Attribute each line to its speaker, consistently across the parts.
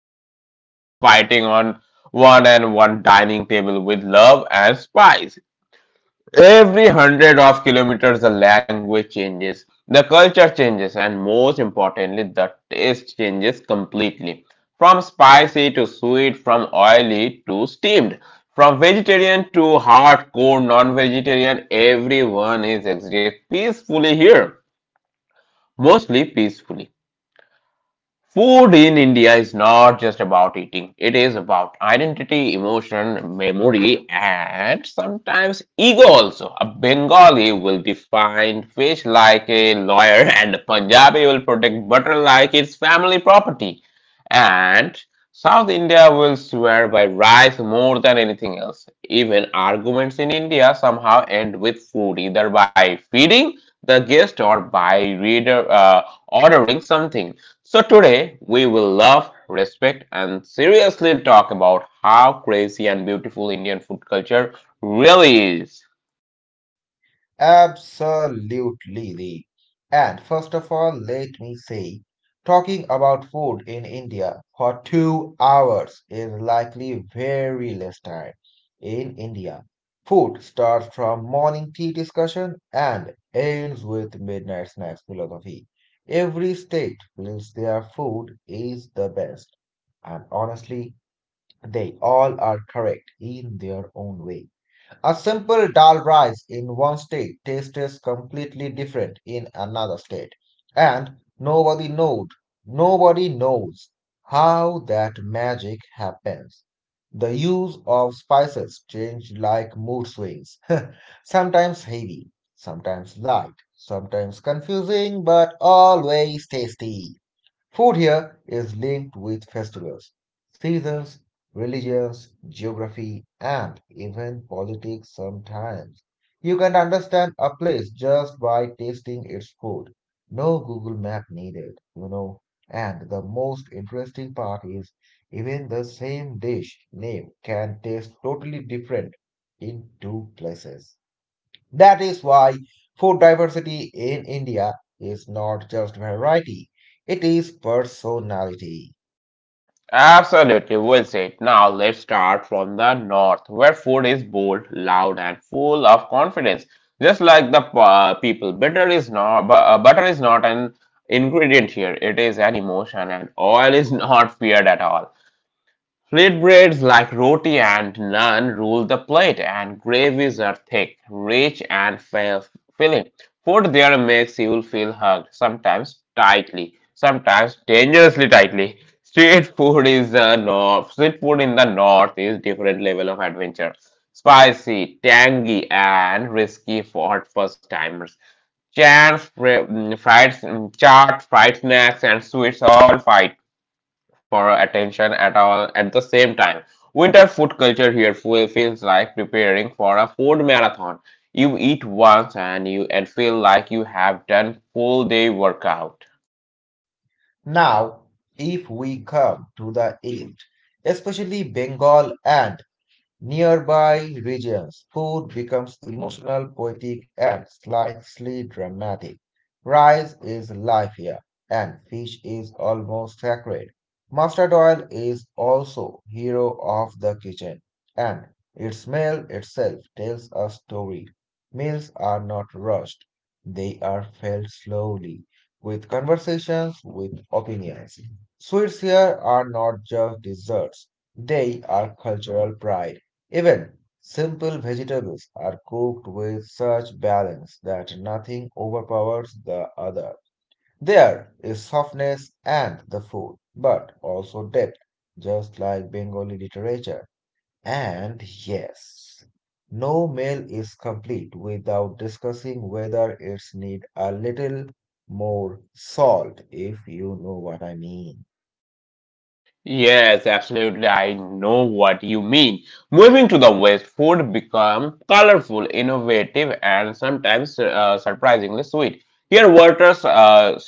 Speaker 1: 50 countries fighting on one dining table with love and spice. Every hundred of kilometers, the language changes, the culture changes, and most importantly, the taste changes completely. From spicy to sweet, from oily to steamed, from vegetarian to hardcore non vegetarian, everyone is exist peacefully here. Mostly peacefully. Food in India is not just about eating, it is about identity, emotion, memory, and sometimes ego also. A Bengali will define fish like a lawyer, and a Punjabi will protect butter like it's family property. And South India will swear by rice more than anything else. Even arguments in India somehow end with food, either by feeding the guest or by reader, ordering something. So today we will love, respect, and seriously talk about how crazy and beautiful Indian food culture really is.
Speaker 2: Absolutely, Lee. And first of all, let me say, talking about food in India for 2 hours is likely very less time. In India, food starts from morning tea discussion and ends with midnight snacks philosophy. Every state feels their food is the best. And honestly, they all are correct in their own way. A simple dal rice in one state tastes completely different in another state, and nobody knows, nobody knows how that magic happens. The use of spices change like mood swings, sometimes heavy, sometimes light, sometimes confusing, but always tasty. Food here is linked with festivals, seasons, religions, geography, and even politics sometimes. You can understand a place just by tasting its food. No Google Map needed, you know. And the most interesting part is even the same dish name can taste totally different in two places. That is why food diversity in India is not just variety, it is personality.
Speaker 1: Absolutely, well said. Now let's start from the north, where food is bold, loud, and full of confidence. Just like the people, butter is not an ingredient here. It is an emotion, and oil is not feared at all. Flatbreads like roti and naan rule the plate, and gravies are thick, rich, and filling. Food there makes you feel hugged, sometimes tightly, sometimes dangerously tightly. Street food is the north. Street food in the north is different level of adventure. Spicy, tangy, and risky for first timers. Fried, chaat, fried snacks, and sweets all fight for attention at all at the same time. Winter food culture here feels like preparing for a food marathon. You eat once and you and feel like you have done full day workout.
Speaker 2: Now, if we come to the East, especially Bengal and nearby regions, food becomes emotional, poetic, and slightly dramatic. Rice is life here, and fish is almost sacred. Mustard oil is also hero of the kitchen, and its smell itself tells a story. Meals are not rushed; they are felt slowly, with conversations, with opinions. Sweets here are not just desserts; they are cultural pride. Even simple vegetables are cooked with such balance that nothing overpowers the other. There is softness and the food, but also depth, just like Bengali literature. And yes, no meal is complete without discussing whether it's need a little more salt, if you know what I mean.
Speaker 1: Yes, absolutely. I know what you mean. Moving to the west, food become colorful, innovative, and sometimes surprisingly sweet. Here, waters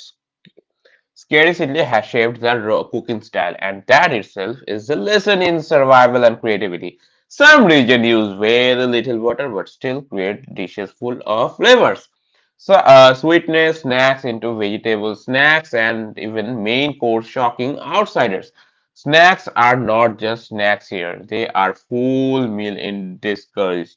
Speaker 1: scarcity has shaped their cooking style, and that itself is a lesson in survival and creativity. Some regions use very little water but still create dishes full of flavors. So, sweetness snacks into vegetable snacks and even main course shocking outsiders. Snacks are not just snacks here, they are full meal in disguise.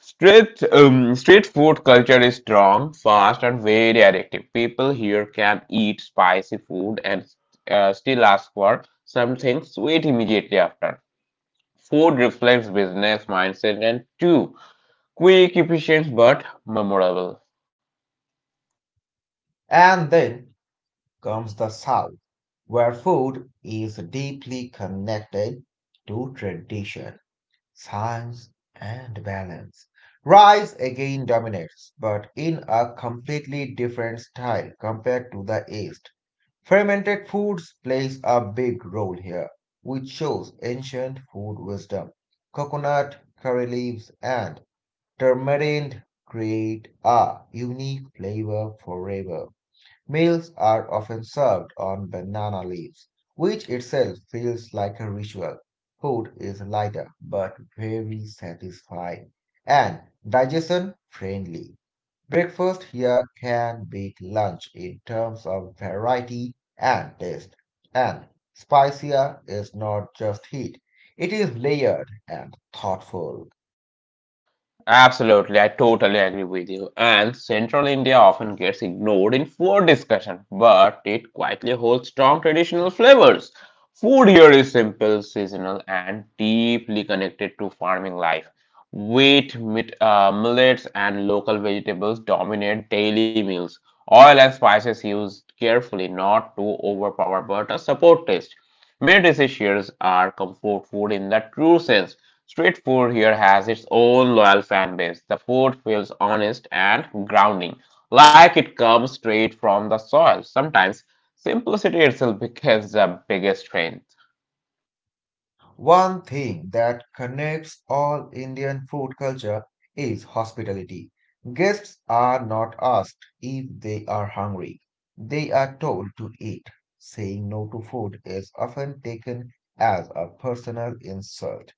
Speaker 1: Street food culture is strong, fast, and very addictive. People here can eat spicy food and still ask for something sweet immediately after. Food reflects business mindset and too quick, efficient, but memorable.
Speaker 2: And then comes the South, where food is deeply connected to tradition, science, and balance. Rice again dominates, but in a completely different style compared to the East. Fermented foods plays a big role here, which shows ancient food wisdom. Coconut, curry leaves, and turmeric create a unique flavor forever. Meals are often served on banana leaves, which itself feels like a ritual. Food is lighter but very satisfying and digestion friendly. Breakfast here can beat lunch in terms of variety and taste. And spicier is not just heat, it is layered and thoughtful.
Speaker 1: Absolutely, I totally agree with you. And Central India often gets ignored in food discussion, but it quietly holds strong traditional flavors. Food here is simple, seasonal, and deeply connected to farming life. Wheat, millets, and local vegetables dominate daily meals. Oil and spices used carefully, not to overpower but to support taste. Many dishes here are comfort food in the true sense. Street food here has its own loyal fan base. The food feels honest and grounding, like it comes straight from the soil. Sometimes simplicity itself becomes the biggest strength.
Speaker 2: One thing that connects all Indian food culture is hospitality. Guests are not asked if they are hungry, they are told to eat. Saying no to food is often taken as a personal insult.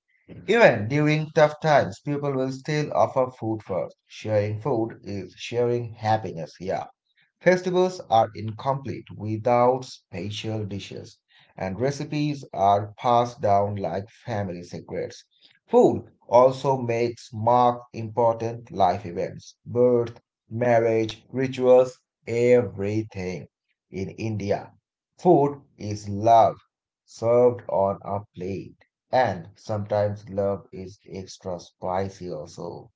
Speaker 2: Even during tough times, people will still offer food first. Sharing food is sharing happiness. Yeah. Festivals are incomplete without special dishes, and recipes are passed down like family secrets. Food also makes mark important life events, birth, marriage, rituals, everything. In India, food is love served on a plate, and sometimes love is extra spicy also.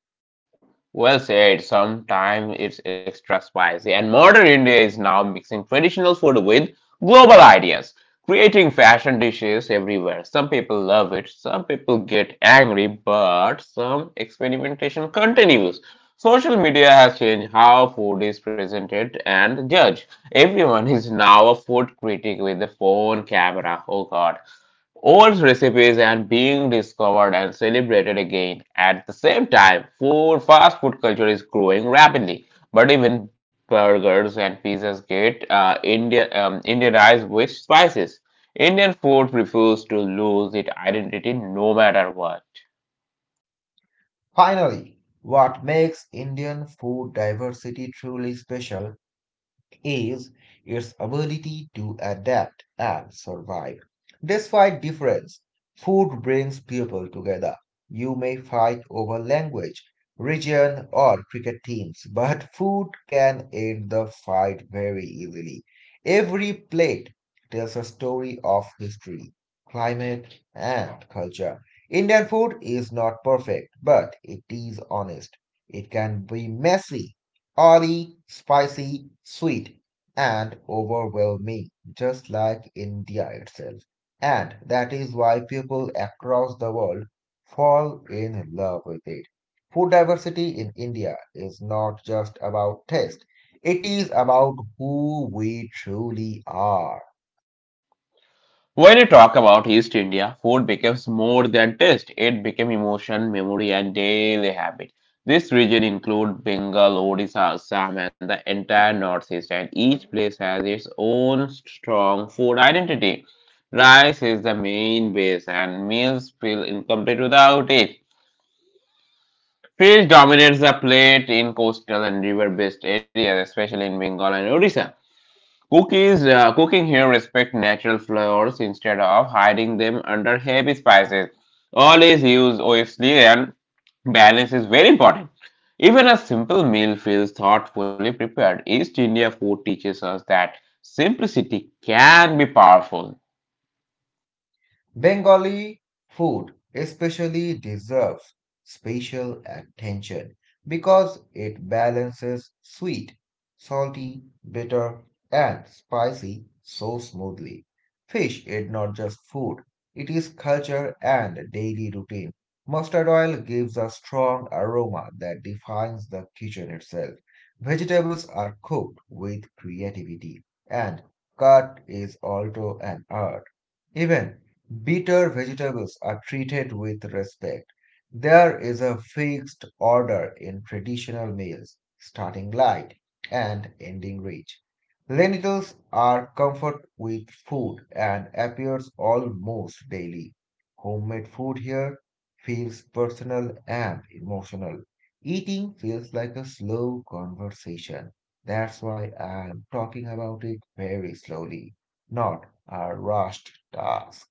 Speaker 1: Well said. Sometimes it's extra spicy. And modern India is now mixing traditional food with global ideas, creating fashion dishes everywhere. Some people love it, some people get angry, but some experimentation continues. Social media has changed how food is presented and judged. Everyone is now a food critic with a phone camera. Oh god, old recipes and being discovered and celebrated again. At the same time, food, fast food culture is growing rapidly, but even burgers and pizzas get Indianized with spices. Indian food refuses to lose its identity no matter what.
Speaker 2: Finally, what makes Indian food diversity truly special is its ability to adapt and survive. Despite difference, food brings people together. You may fight over language, region, or cricket teams, but food can end the fight very easily. Every plate tells a story of history, climate, and culture. Indian food is not perfect, but it is honest. It can be messy, oily, spicy, sweet, and overwhelming, just like India itself. And that is why people across the world fall in love with it. Food diversity in India is not just about taste, it is about who we truly are.
Speaker 1: When you talk about East India, food becomes more than taste. It became emotion, memory, and daily habit. This region includes Bengal, Odisha, Assam, and the entire Northeast, and each place has its own strong food identity. Rice is the main base, and meals feel incomplete without it. Fish dominates the plate in coastal and river-based areas, especially in Bengal and Odisha. Cookies Cooking here respect natural flavors instead of hiding them under heavy spices. Always use obviously and balance is very important. Even a simple meal feels thoughtfully prepared. East India food teaches us that simplicity can be powerful.
Speaker 2: Bengali food especially deserves special attention because it balances sweet, salty, bitter, and spicy so smoothly. Fish is not just food, it is culture and daily routine. Mustard oil gives a strong aroma that defines the kitchen itself. Vegetables are cooked with creativity, and cut is also an art. Even bitter vegetables are treated with respect. There is a fixed order in traditional meals, starting light and ending rich. Lentils are comfort with food and appears almost daily. Homemade food here feels personal and emotional. Eating feels like a slow conversation. That's why I'm talking about it very slowly, not a rushed task.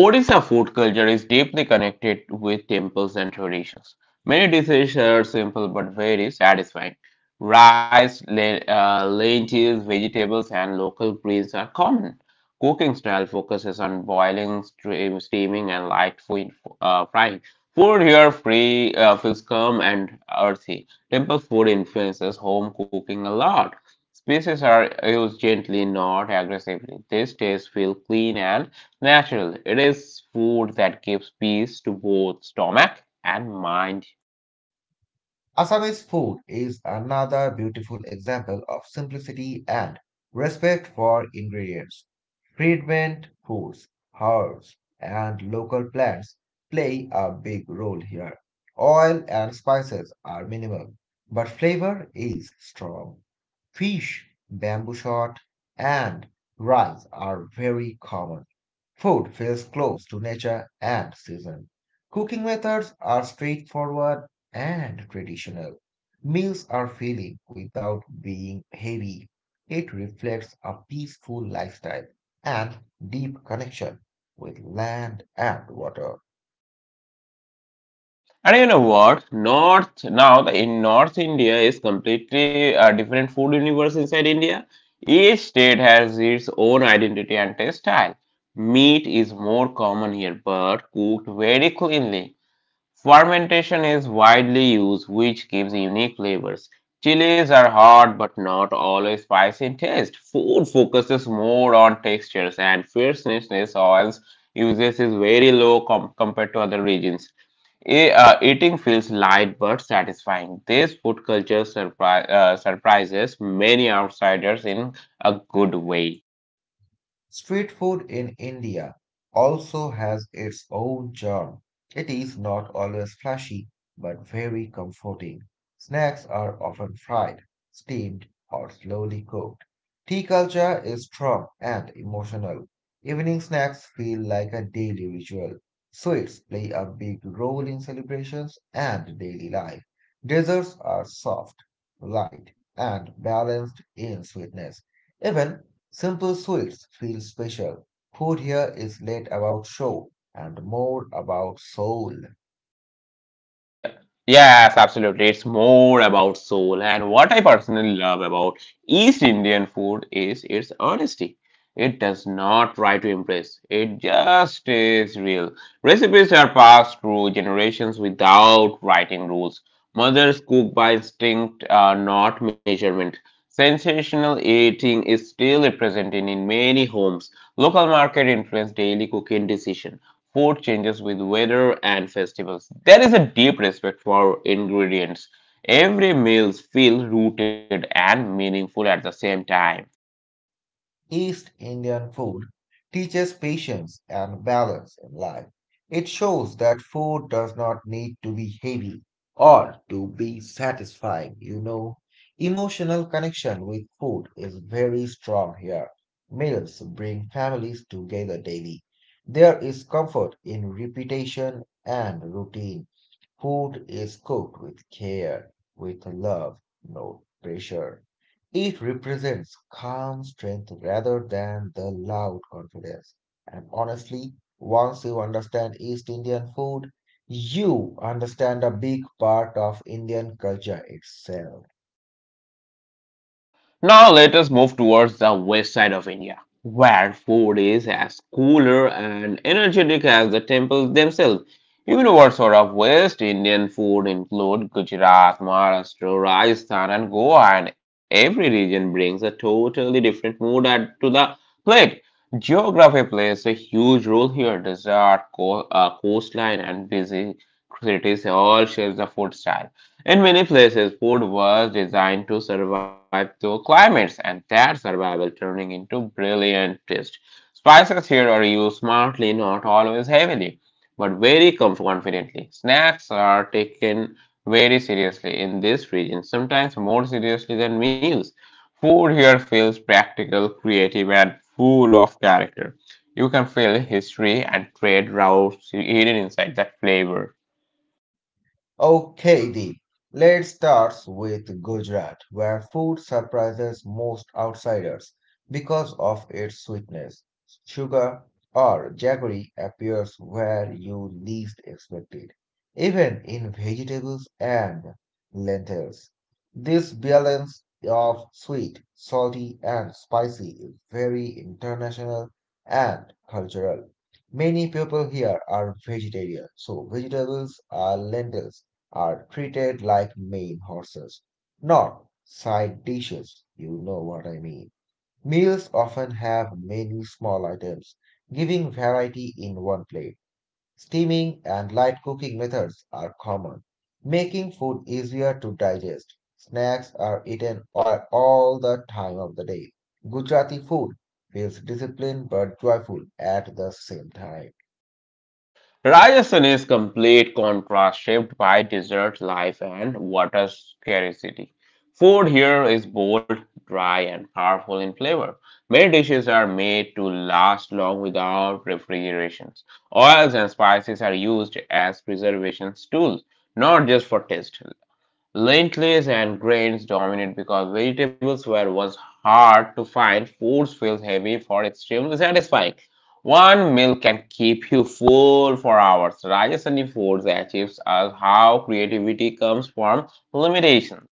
Speaker 1: Odisha food culture is deeply connected with temples and traditions. Many dishes are simple but very satisfying. Rice, lentils, vegetables, and local greens are common. Cooking style focuses on boiling, steaming, and light food, frying. Food here free feels calm and earthy. Temple food influences home cooking a lot. Spices are used gently, not aggressively. These tastes feel clean and natural. It is food that gives peace to both stomach and mind.
Speaker 2: Assamese food is another beautiful example of simplicity and respect for ingredients. Treatment foods, herbs, and local plants play a big role here. Oil and spices are minimal, but flavor is strong. Fish, bamboo shot, and rice are very common. Food feels close to nature and season. Cooking methods are straightforward and traditional. Meals are filling without being heavy. It reflects a peaceful lifestyle and deep connection with land and water.
Speaker 1: And you know what? In North India is completely a different food universe inside India. Each state has its own identity and taste style. Meat is more common here, but cooked very cleanly. Fermentation is widely used, which gives unique flavors. Chilies are hot but not always spicy in taste. Food focuses more on textures, and fierceness oils uses is very low compared to other regions. E- uh, Eating feels light but satisfying. This food culture surprises many outsiders in a good way.
Speaker 2: Street food in India also has its own charm. It is not always flashy, but very comforting. Snacks are often fried, steamed, or slowly cooked. Tea culture is strong and emotional. Evening snacks feel like a daily ritual. Sweets play a big role in celebrations and daily life. Desserts are soft, light, and balanced in sweetness. Even simple Swiss feel special. Food here is less about show and more about soul.
Speaker 1: Yeah, yes, absolutely. It's more about soul. And what I personally love about East Indian food is its honesty. It does not try to impress, it just is real. Recipes are passed through generations without writing rules. Mothers cook by instinct, not measurement. Sensational eating is still represented in many homes. Local market influence daily cooking decisions. Food changes with weather and festivals. There is a deep respect for ingredients. Every meal feels rooted and meaningful at the same time.
Speaker 2: East Indian food teaches patience and balance in life. It shows that food does not need to be heavy or to be satisfying, you know. Emotional connection with food is very strong here. Meals bring families together daily. There is comfort in repetition and routine. Food is cooked with care, with love, no pressure. It represents calm strength rather than the loud confidence. And honestly, once you understand East Indian food, you understand a big part of Indian culture itself.
Speaker 1: Now let us move towards the west side of India, where food is as cooler and energetic as the temples themselves. Even what sort of West Indian food include Gujarat, Maharashtra, Rajasthan, and Goa, and every region brings a totally different mood add to the plate. Geography plays a huge role here. Desert, coastline, and busy cities all shapes the food style. In many places, food was designed to survive through climates, and that survival turning into brilliant taste. Spices here are used smartly, not always heavily, but very confidently. Snacks are taken very seriously in this region, sometimes more seriously than meals. Food here feels practical, creative, and full of character. You can feel history and trade routes hidden inside that flavor.
Speaker 2: Okay, Deep. Let's start with Gujarat, where food surprises most outsiders because of its sweetness. Sugar or jaggery appears where you least expect it, even in vegetables and lentils. This balance of sweet, salty, and spicy is very international and cultural. Many people here are vegetarian, so vegetables are lentils are treated like main horses, not side dishes. You know what I mean. Meals often have many small items, giving variety in one plate. Steaming and light cooking methods are common, making food easier to digest. Snacks are eaten all the time of the day. Gujarati food feels disciplined but joyful at the same time.
Speaker 1: Rajasthan is complete contrast shaped by desert life and water scarcity. Food here is bold, dry, and powerful in flavor. Many dishes are made to last long without refrigerations. Oils and spices are used as preservation tools, not just for taste. Lentils and grains dominate because vegetables were once hard to find. Foods feels heavy for extremely satisfying. One meal can keep you full for hours. Rajasthani foods achieves us how creativity comes from limitation.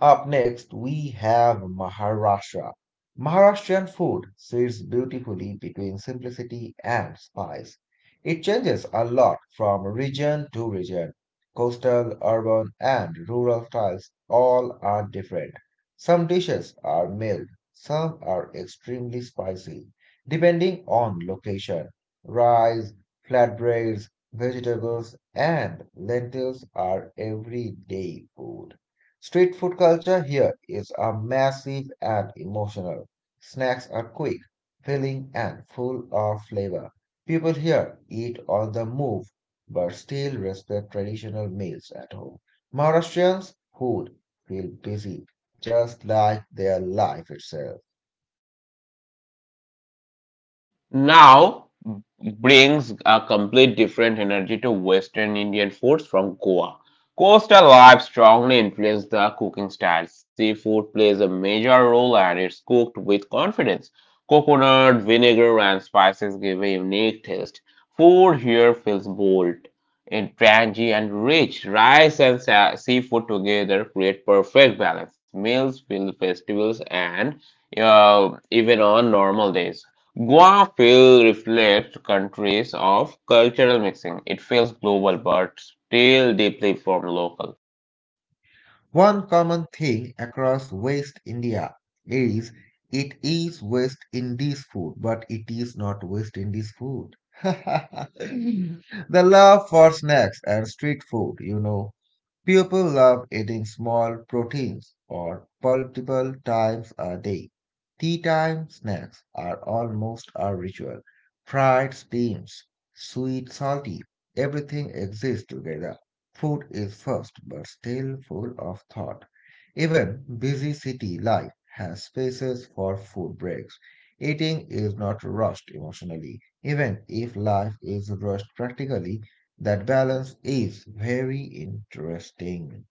Speaker 2: Up next, we have Maharashtra. Maharashtrian food sits beautifully between simplicity and spice. It changes a lot from region to region. Coastal, urban, and rural styles all are different. Some dishes are mild, some are extremely spicy, depending on location. Rice, flatbreads, vegetables, and lentils are everyday food. Street food culture here is a massive and emotional. Snacks are quick, filling, and full of flavor. People here eat on the move but still respect traditional meals at home. Maharashtrians' food feel busy, just like their life itself.
Speaker 1: Now brings a complete different energy to Western Indian foods from Goa. Coastal life strongly influences the cooking style. Seafood plays a major role and it's cooked with confidence. Coconut, vinegar, and spices give a unique taste. Food here feels bold, and tangy, and rich. Rice and seafood together create perfect balance. Meals fill festivals and even on normal days. Goa feel reflects countries of cultural mixing. It feels global but still deeply from local.
Speaker 2: One common thing across West India is it is West Indies food, but it is not West Indies food. The love for snacks and street food, you know. People love eating small proteins or multiple times a day. Tea time snacks are almost a ritual. Fried steams, sweet, salty, everything exists together. Food is first but still full of thought. Even busy city life has spaces for food breaks. Eating is not rushed emotionally. Even if life is rushed practically, that balance is very interesting.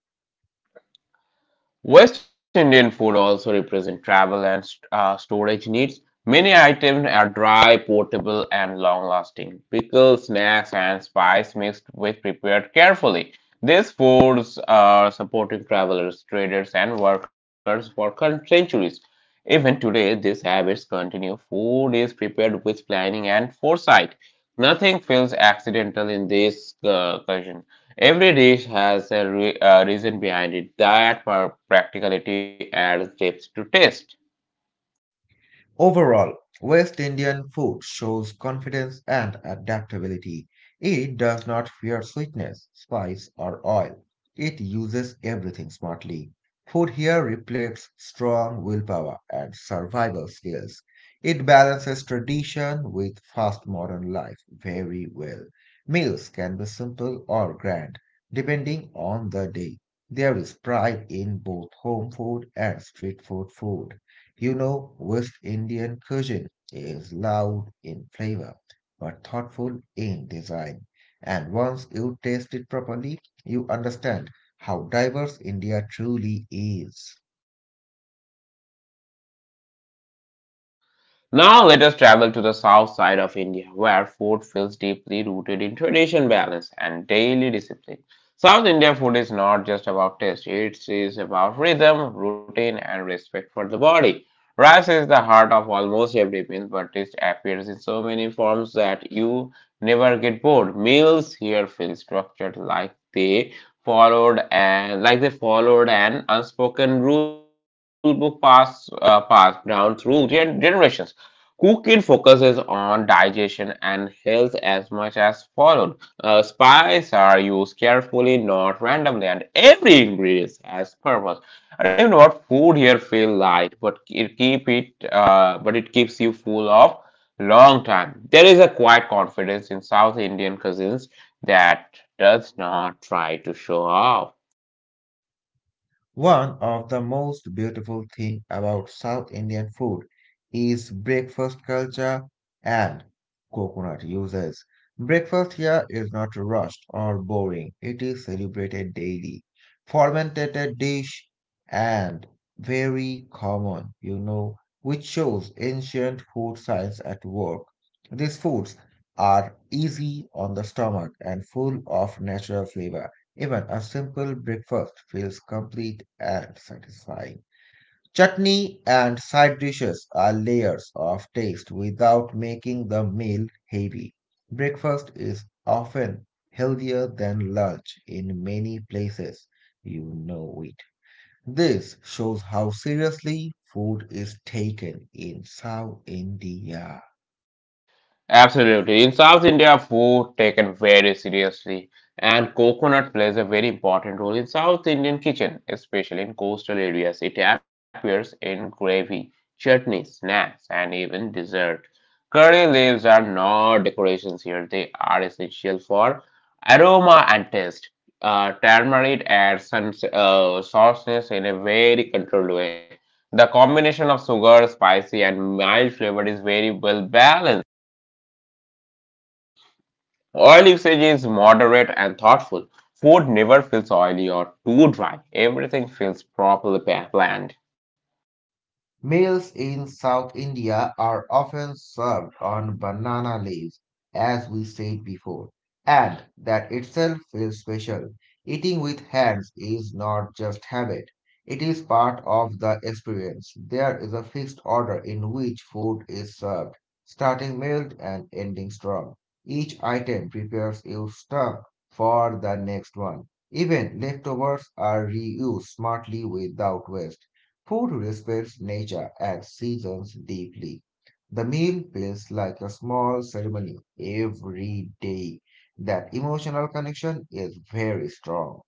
Speaker 1: West Indian food also represents travel and storage needs. Many items are dry, portable, and long-lasting. Pickles, snacks, and spice mixed with prepared carefully. These foods are supporting travelers, traders, and workers for centuries. Even today, these habits continue. Food is prepared with planning and foresight. Nothing feels accidental in this cuisine. Every dish has a reason behind it that for practicality adds depth to taste.
Speaker 2: Overall, West Indian food shows confidence and adaptability. It does not fear sweetness, spice, or oil. It uses everything smartly. Food here reflects strong willpower and survival skills. It balances tradition with fast modern life very well. Meals can be simple or grand, depending on the day. There is pride in both home food and street food. You know, West Indian cuisine is loud in flavor, but thoughtful in design. And once you taste it properly, you understand how diverse India truly is.
Speaker 1: Now let us travel to the south side of India, where food feels deeply rooted in tradition, balance, and daily discipline. South India food is not just about taste, it is about rhythm, routine, and respect for the body. Rice is the heart of almost every meal, but it appears in so many forms that you never get bored. Meals here feel structured like they followed an unspoken rule book passed down through generations. Cooking focuses on digestion and health as much as followed. Spices are used carefully, not randomly, and every ingredient has purpose. I don't know what food here feel light, but but it keeps you full of long time. There is a quiet confidence in South Indian cuisines that does not try to show off.
Speaker 2: One of the most beautiful things about South Indian food is breakfast culture and coconut uses. Breakfast here is not rushed or boring, it is celebrated daily. Fermented dish and very common, you know, which shows ancient food science at work. These foods are easy on the stomach and full of natural flavor. Even a simple breakfast feels complete and satisfying. Chutney and side dishes are layers of taste without making the meal heavy. Breakfast is often healthier than lunch in many places. You know it. This shows how seriously food is taken in South India.
Speaker 1: Absolutely. In South India, food taken very seriously, and coconut plays a very important role in South Indian kitchen, especially in coastal areas. It appears in gravy, chutney, snacks, and even dessert. Curry leaves are not decorations here, they are essential for aroma and taste. Turmeric adds some sourceness in a very controlled way. The combination of sugar, spicy, and mild flavor is very well balanced. Oil usage is moderate and thoughtful. Food never feels oily or too dry. Everything feels properly planned.
Speaker 2: Meals in South India are often served on banana leaves, as we said before, and that itself feels special. Eating with hands is not just habit, it is part of the experience. There is a fixed order in which food is served, starting mild and ending strong. Each item prepares your stomach for the next one. Even leftovers are reused smartly without waste. Food respects nature and seasons deeply. The meal feels like a small ceremony every day. That emotional connection is very strong.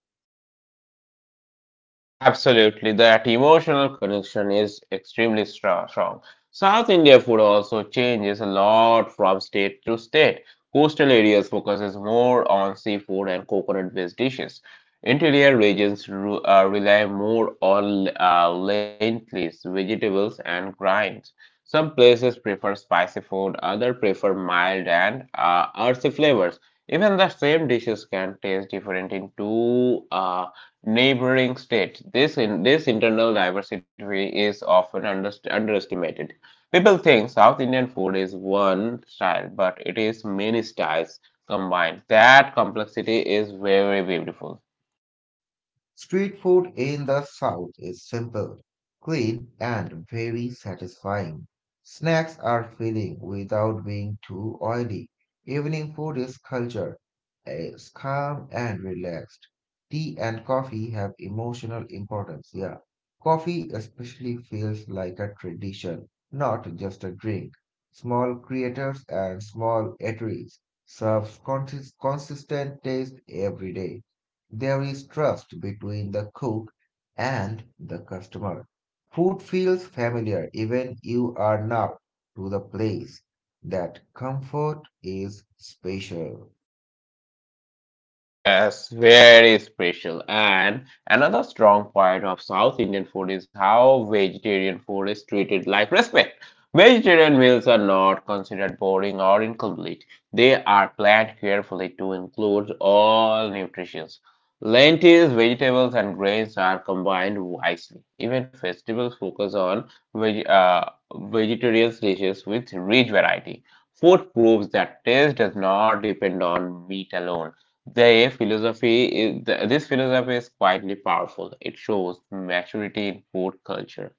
Speaker 1: Absolutely, that emotional connection is extremely strong. South India food also changes a lot from state to state. Coastal areas focuses more on seafood and coconut-based dishes. Interior regions rely more on lentils, vegetables, and grains. Some places prefer spicy food, others prefer mild and earthy flavors. Even the same dishes can taste different in two neighboring states. This internal diversity is often underestimated. People think South Indian food is one style, but it is many styles combined. That complexity is very beautiful.
Speaker 2: Street food in the South is simple, clean, and very satisfying. Snacks are filling without being too oily. Evening food is cultured, it's calm and relaxed. Tea and coffee have emotional importance here. Coffee especially feels like a tradition, not just a drink. Small creators and small eateries serve consistent taste every day. There is trust between the cook and the customer. Food feels familiar even you are new to the place. That comfort is special.
Speaker 1: Yes, very special. And another strong point of South Indian food is how vegetarian food is treated like respect. Vegetarian meals are not considered boring or incomplete. They are planned carefully to include all nutrients. Lentils, vegetables, and grains are combined wisely. Even festivals focus on veg uh, vegetarian dishes with rich variety. Food proves that taste does not depend on meat alone. The philosophy is, th- this philosophy is quietly powerful. It shows maturity in food culture.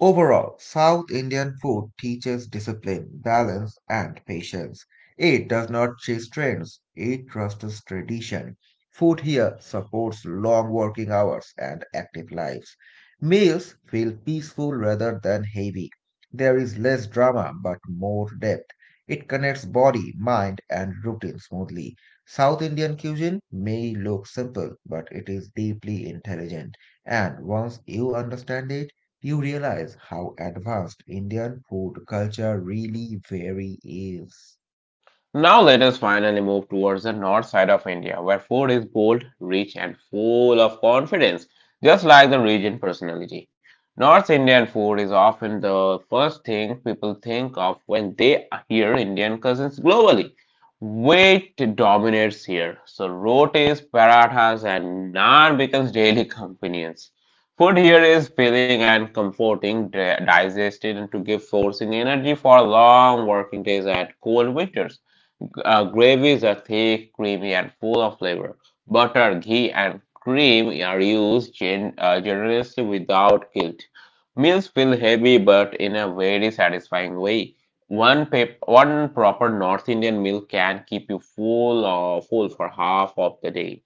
Speaker 2: Overall, South Indian food teaches discipline, balance, and patience. It does not chase trends, it trusts tradition. Food here supports long working hours and active lives. Meals feel peaceful rather than heavy. There is less drama but more depth. It connects body, mind, and routine smoothly. South Indian cuisine may look simple, but it is deeply intelligent. And once you understand it, you realize how advanced Indian food culture really very is.
Speaker 1: Now let us finally move towards the north side of India, where food is bold, rich, and full of confidence, just like the region personality. North Indian food is often the first thing people think of when they hear Indian cuisines globally. Weight dominates here, so rotis, parathas, and naan becomes daily companions. Food here is filling and comforting, digested, and to give forcing energy for long working days and cold winters. Gravies are thick, creamy, and full of flavor. Butter, ghee, and cream are used generously without guilt. Meals feel heavy but in a very satisfying way. One proper North Indian meal can keep you full or full for half of the day.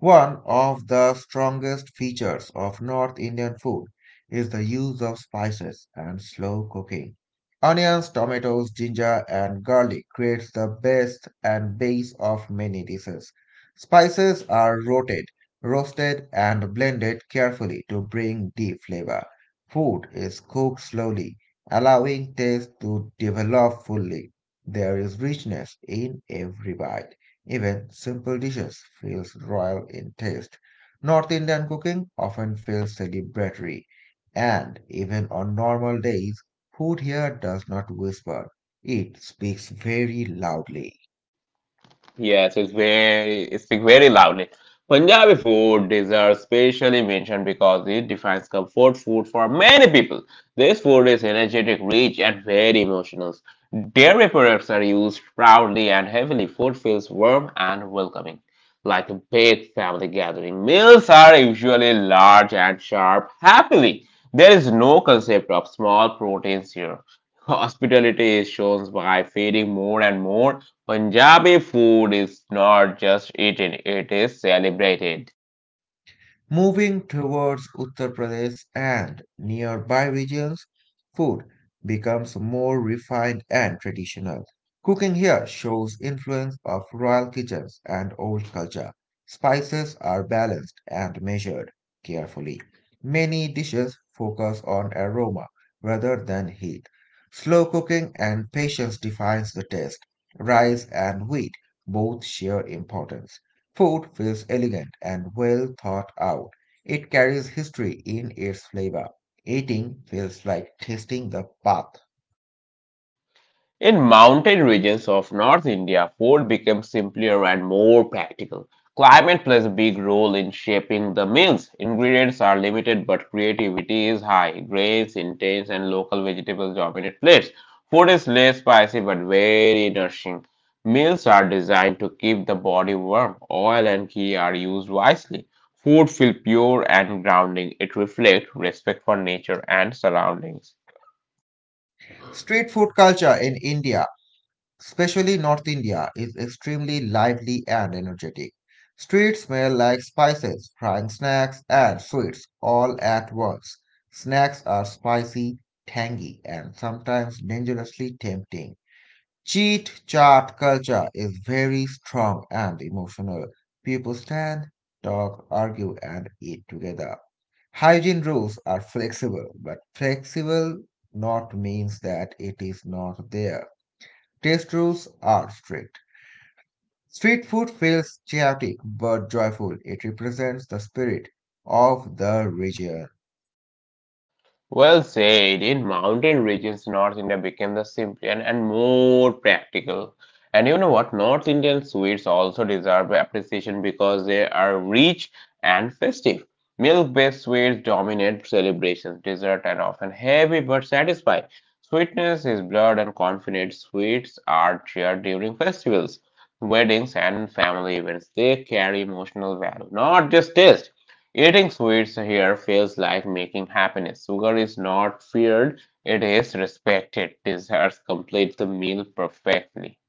Speaker 2: One of the strongest features of North Indian food is the use of spices and slow cooking. Onions, tomatoes, ginger, and garlic creates the best and base of many dishes. Spices are rotated, roasted, and blended carefully to bring deep flavor. Food is cooked slowly, allowing taste to develop fully. There is richness in every bite. Even simple dishes feel royal in taste. North Indian cooking often feels celebratory, and even on normal days, food here does not whisper, it speaks very loudly.
Speaker 1: Yes, it speak very loudly. Punjabi food deserves specially mention because it defines comfort food for many people. This food is energetic, rich, and very emotional. Dairy products are used proudly and heavily. Food feels warm and welcoming, like a big family gathering. Meals are usually large and sharp. Happily, there is no concept of small proteins here. Hospitality is shown by feeding more and more. Punjabi food is not just eaten, it is celebrated.
Speaker 2: Moving towards Uttar Pradesh and nearby regions, food becomes more refined and traditional. Cooking here shows influence of royal kitchens and old culture. Spices are balanced and measured carefully. Many dishes focus on aroma rather than heat. Slow cooking and patience defines the taste. Rice and wheat both share importance. Food feels elegant and well thought out. It carries history in its flavor. Eating feels like tasting the path.
Speaker 1: In mountain regions of North India, food becomes simpler and more practical. Climate plays a big role in shaping the meals. Ingredients are limited, but creativity is high. Grains, intense, and local vegetables dominate plates. Food is less spicy but very nourishing. Meals are designed to keep the body warm. Oil and ghee are used wisely. Food feels pure and grounding. It reflects respect for nature and surroundings.
Speaker 2: Street food culture in India, especially North India, is extremely lively and energetic. Streets smell like spices, frying snacks, and sweets all at once. Snacks are spicy, tangy, and sometimes dangerously tempting. Cheat chat culture is very strong and emotional. People stand, talk, argue, and eat together. Hygiene rules are flexible, but flexible not means that it is not there. Taste rules are strict. Street food feels chaotic but joyful. It represents the spirit of the region.
Speaker 1: Well said. In mountain regions, North India became the simpler and more practical. And you know what? North Indian sweets also deserve appreciation because they are rich and festive. Milk-based sweets dominate celebrations, dessert and often heavy but satisfying. Sweetness is blood and confidence. Sweets are shared during festivals, weddings, and family events. They carry emotional value, not just taste. Eating sweets here feels like making happiness. Sugar is not feared, it is respected. Desserts complete the meal perfectly.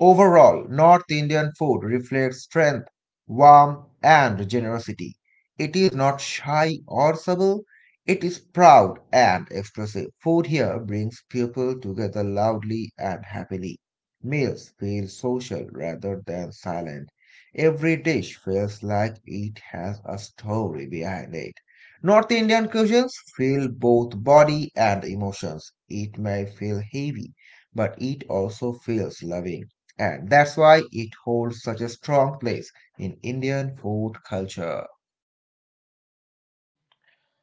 Speaker 2: Overall, North Indian food reflects strength, warmth, and generosity. It is not shy or subtle, it is proud and expressive. Food here brings people together loudly and happily. Meals feel social rather than silent. Every dish feels like it has a story behind it. North Indian cuisines feel both body and emotions. It may feel heavy, but it also feels loving and that's why it holds such a strong place in Indian food culture.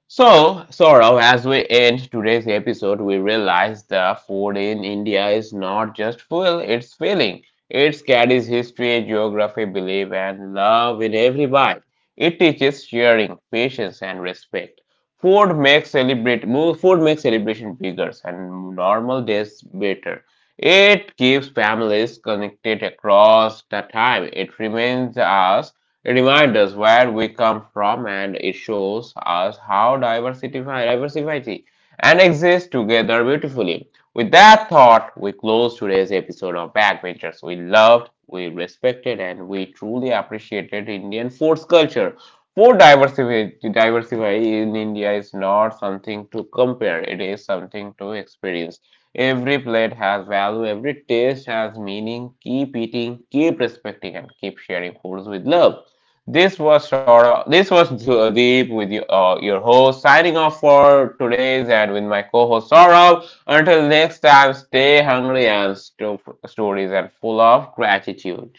Speaker 1: So, Saurav, as we end today's episode, we realize the food in India is not just fuel, it's feeling. It carries history, geography, belief, and love in every bite. It teaches sharing, patience, and respect. Food makes celebration bigger and normal days better. It keeps families connected across the time. It reminds us where we come from, and it shows us how diversify diversity and exist together beautifully. With that thought, we close today's episode of Backbenchers. We loved, we respected, and we truly appreciated Indian foods culture. Diversity in India is not something to compare, it is something to experience. Every plate has value, every taste has meaning. Keep eating, keep respecting, and keep sharing foods with love. This was Deep with you, your host signing off for today's, and with my co-host Saurabh. Until next time, stay hungry and stories and full of gratitude.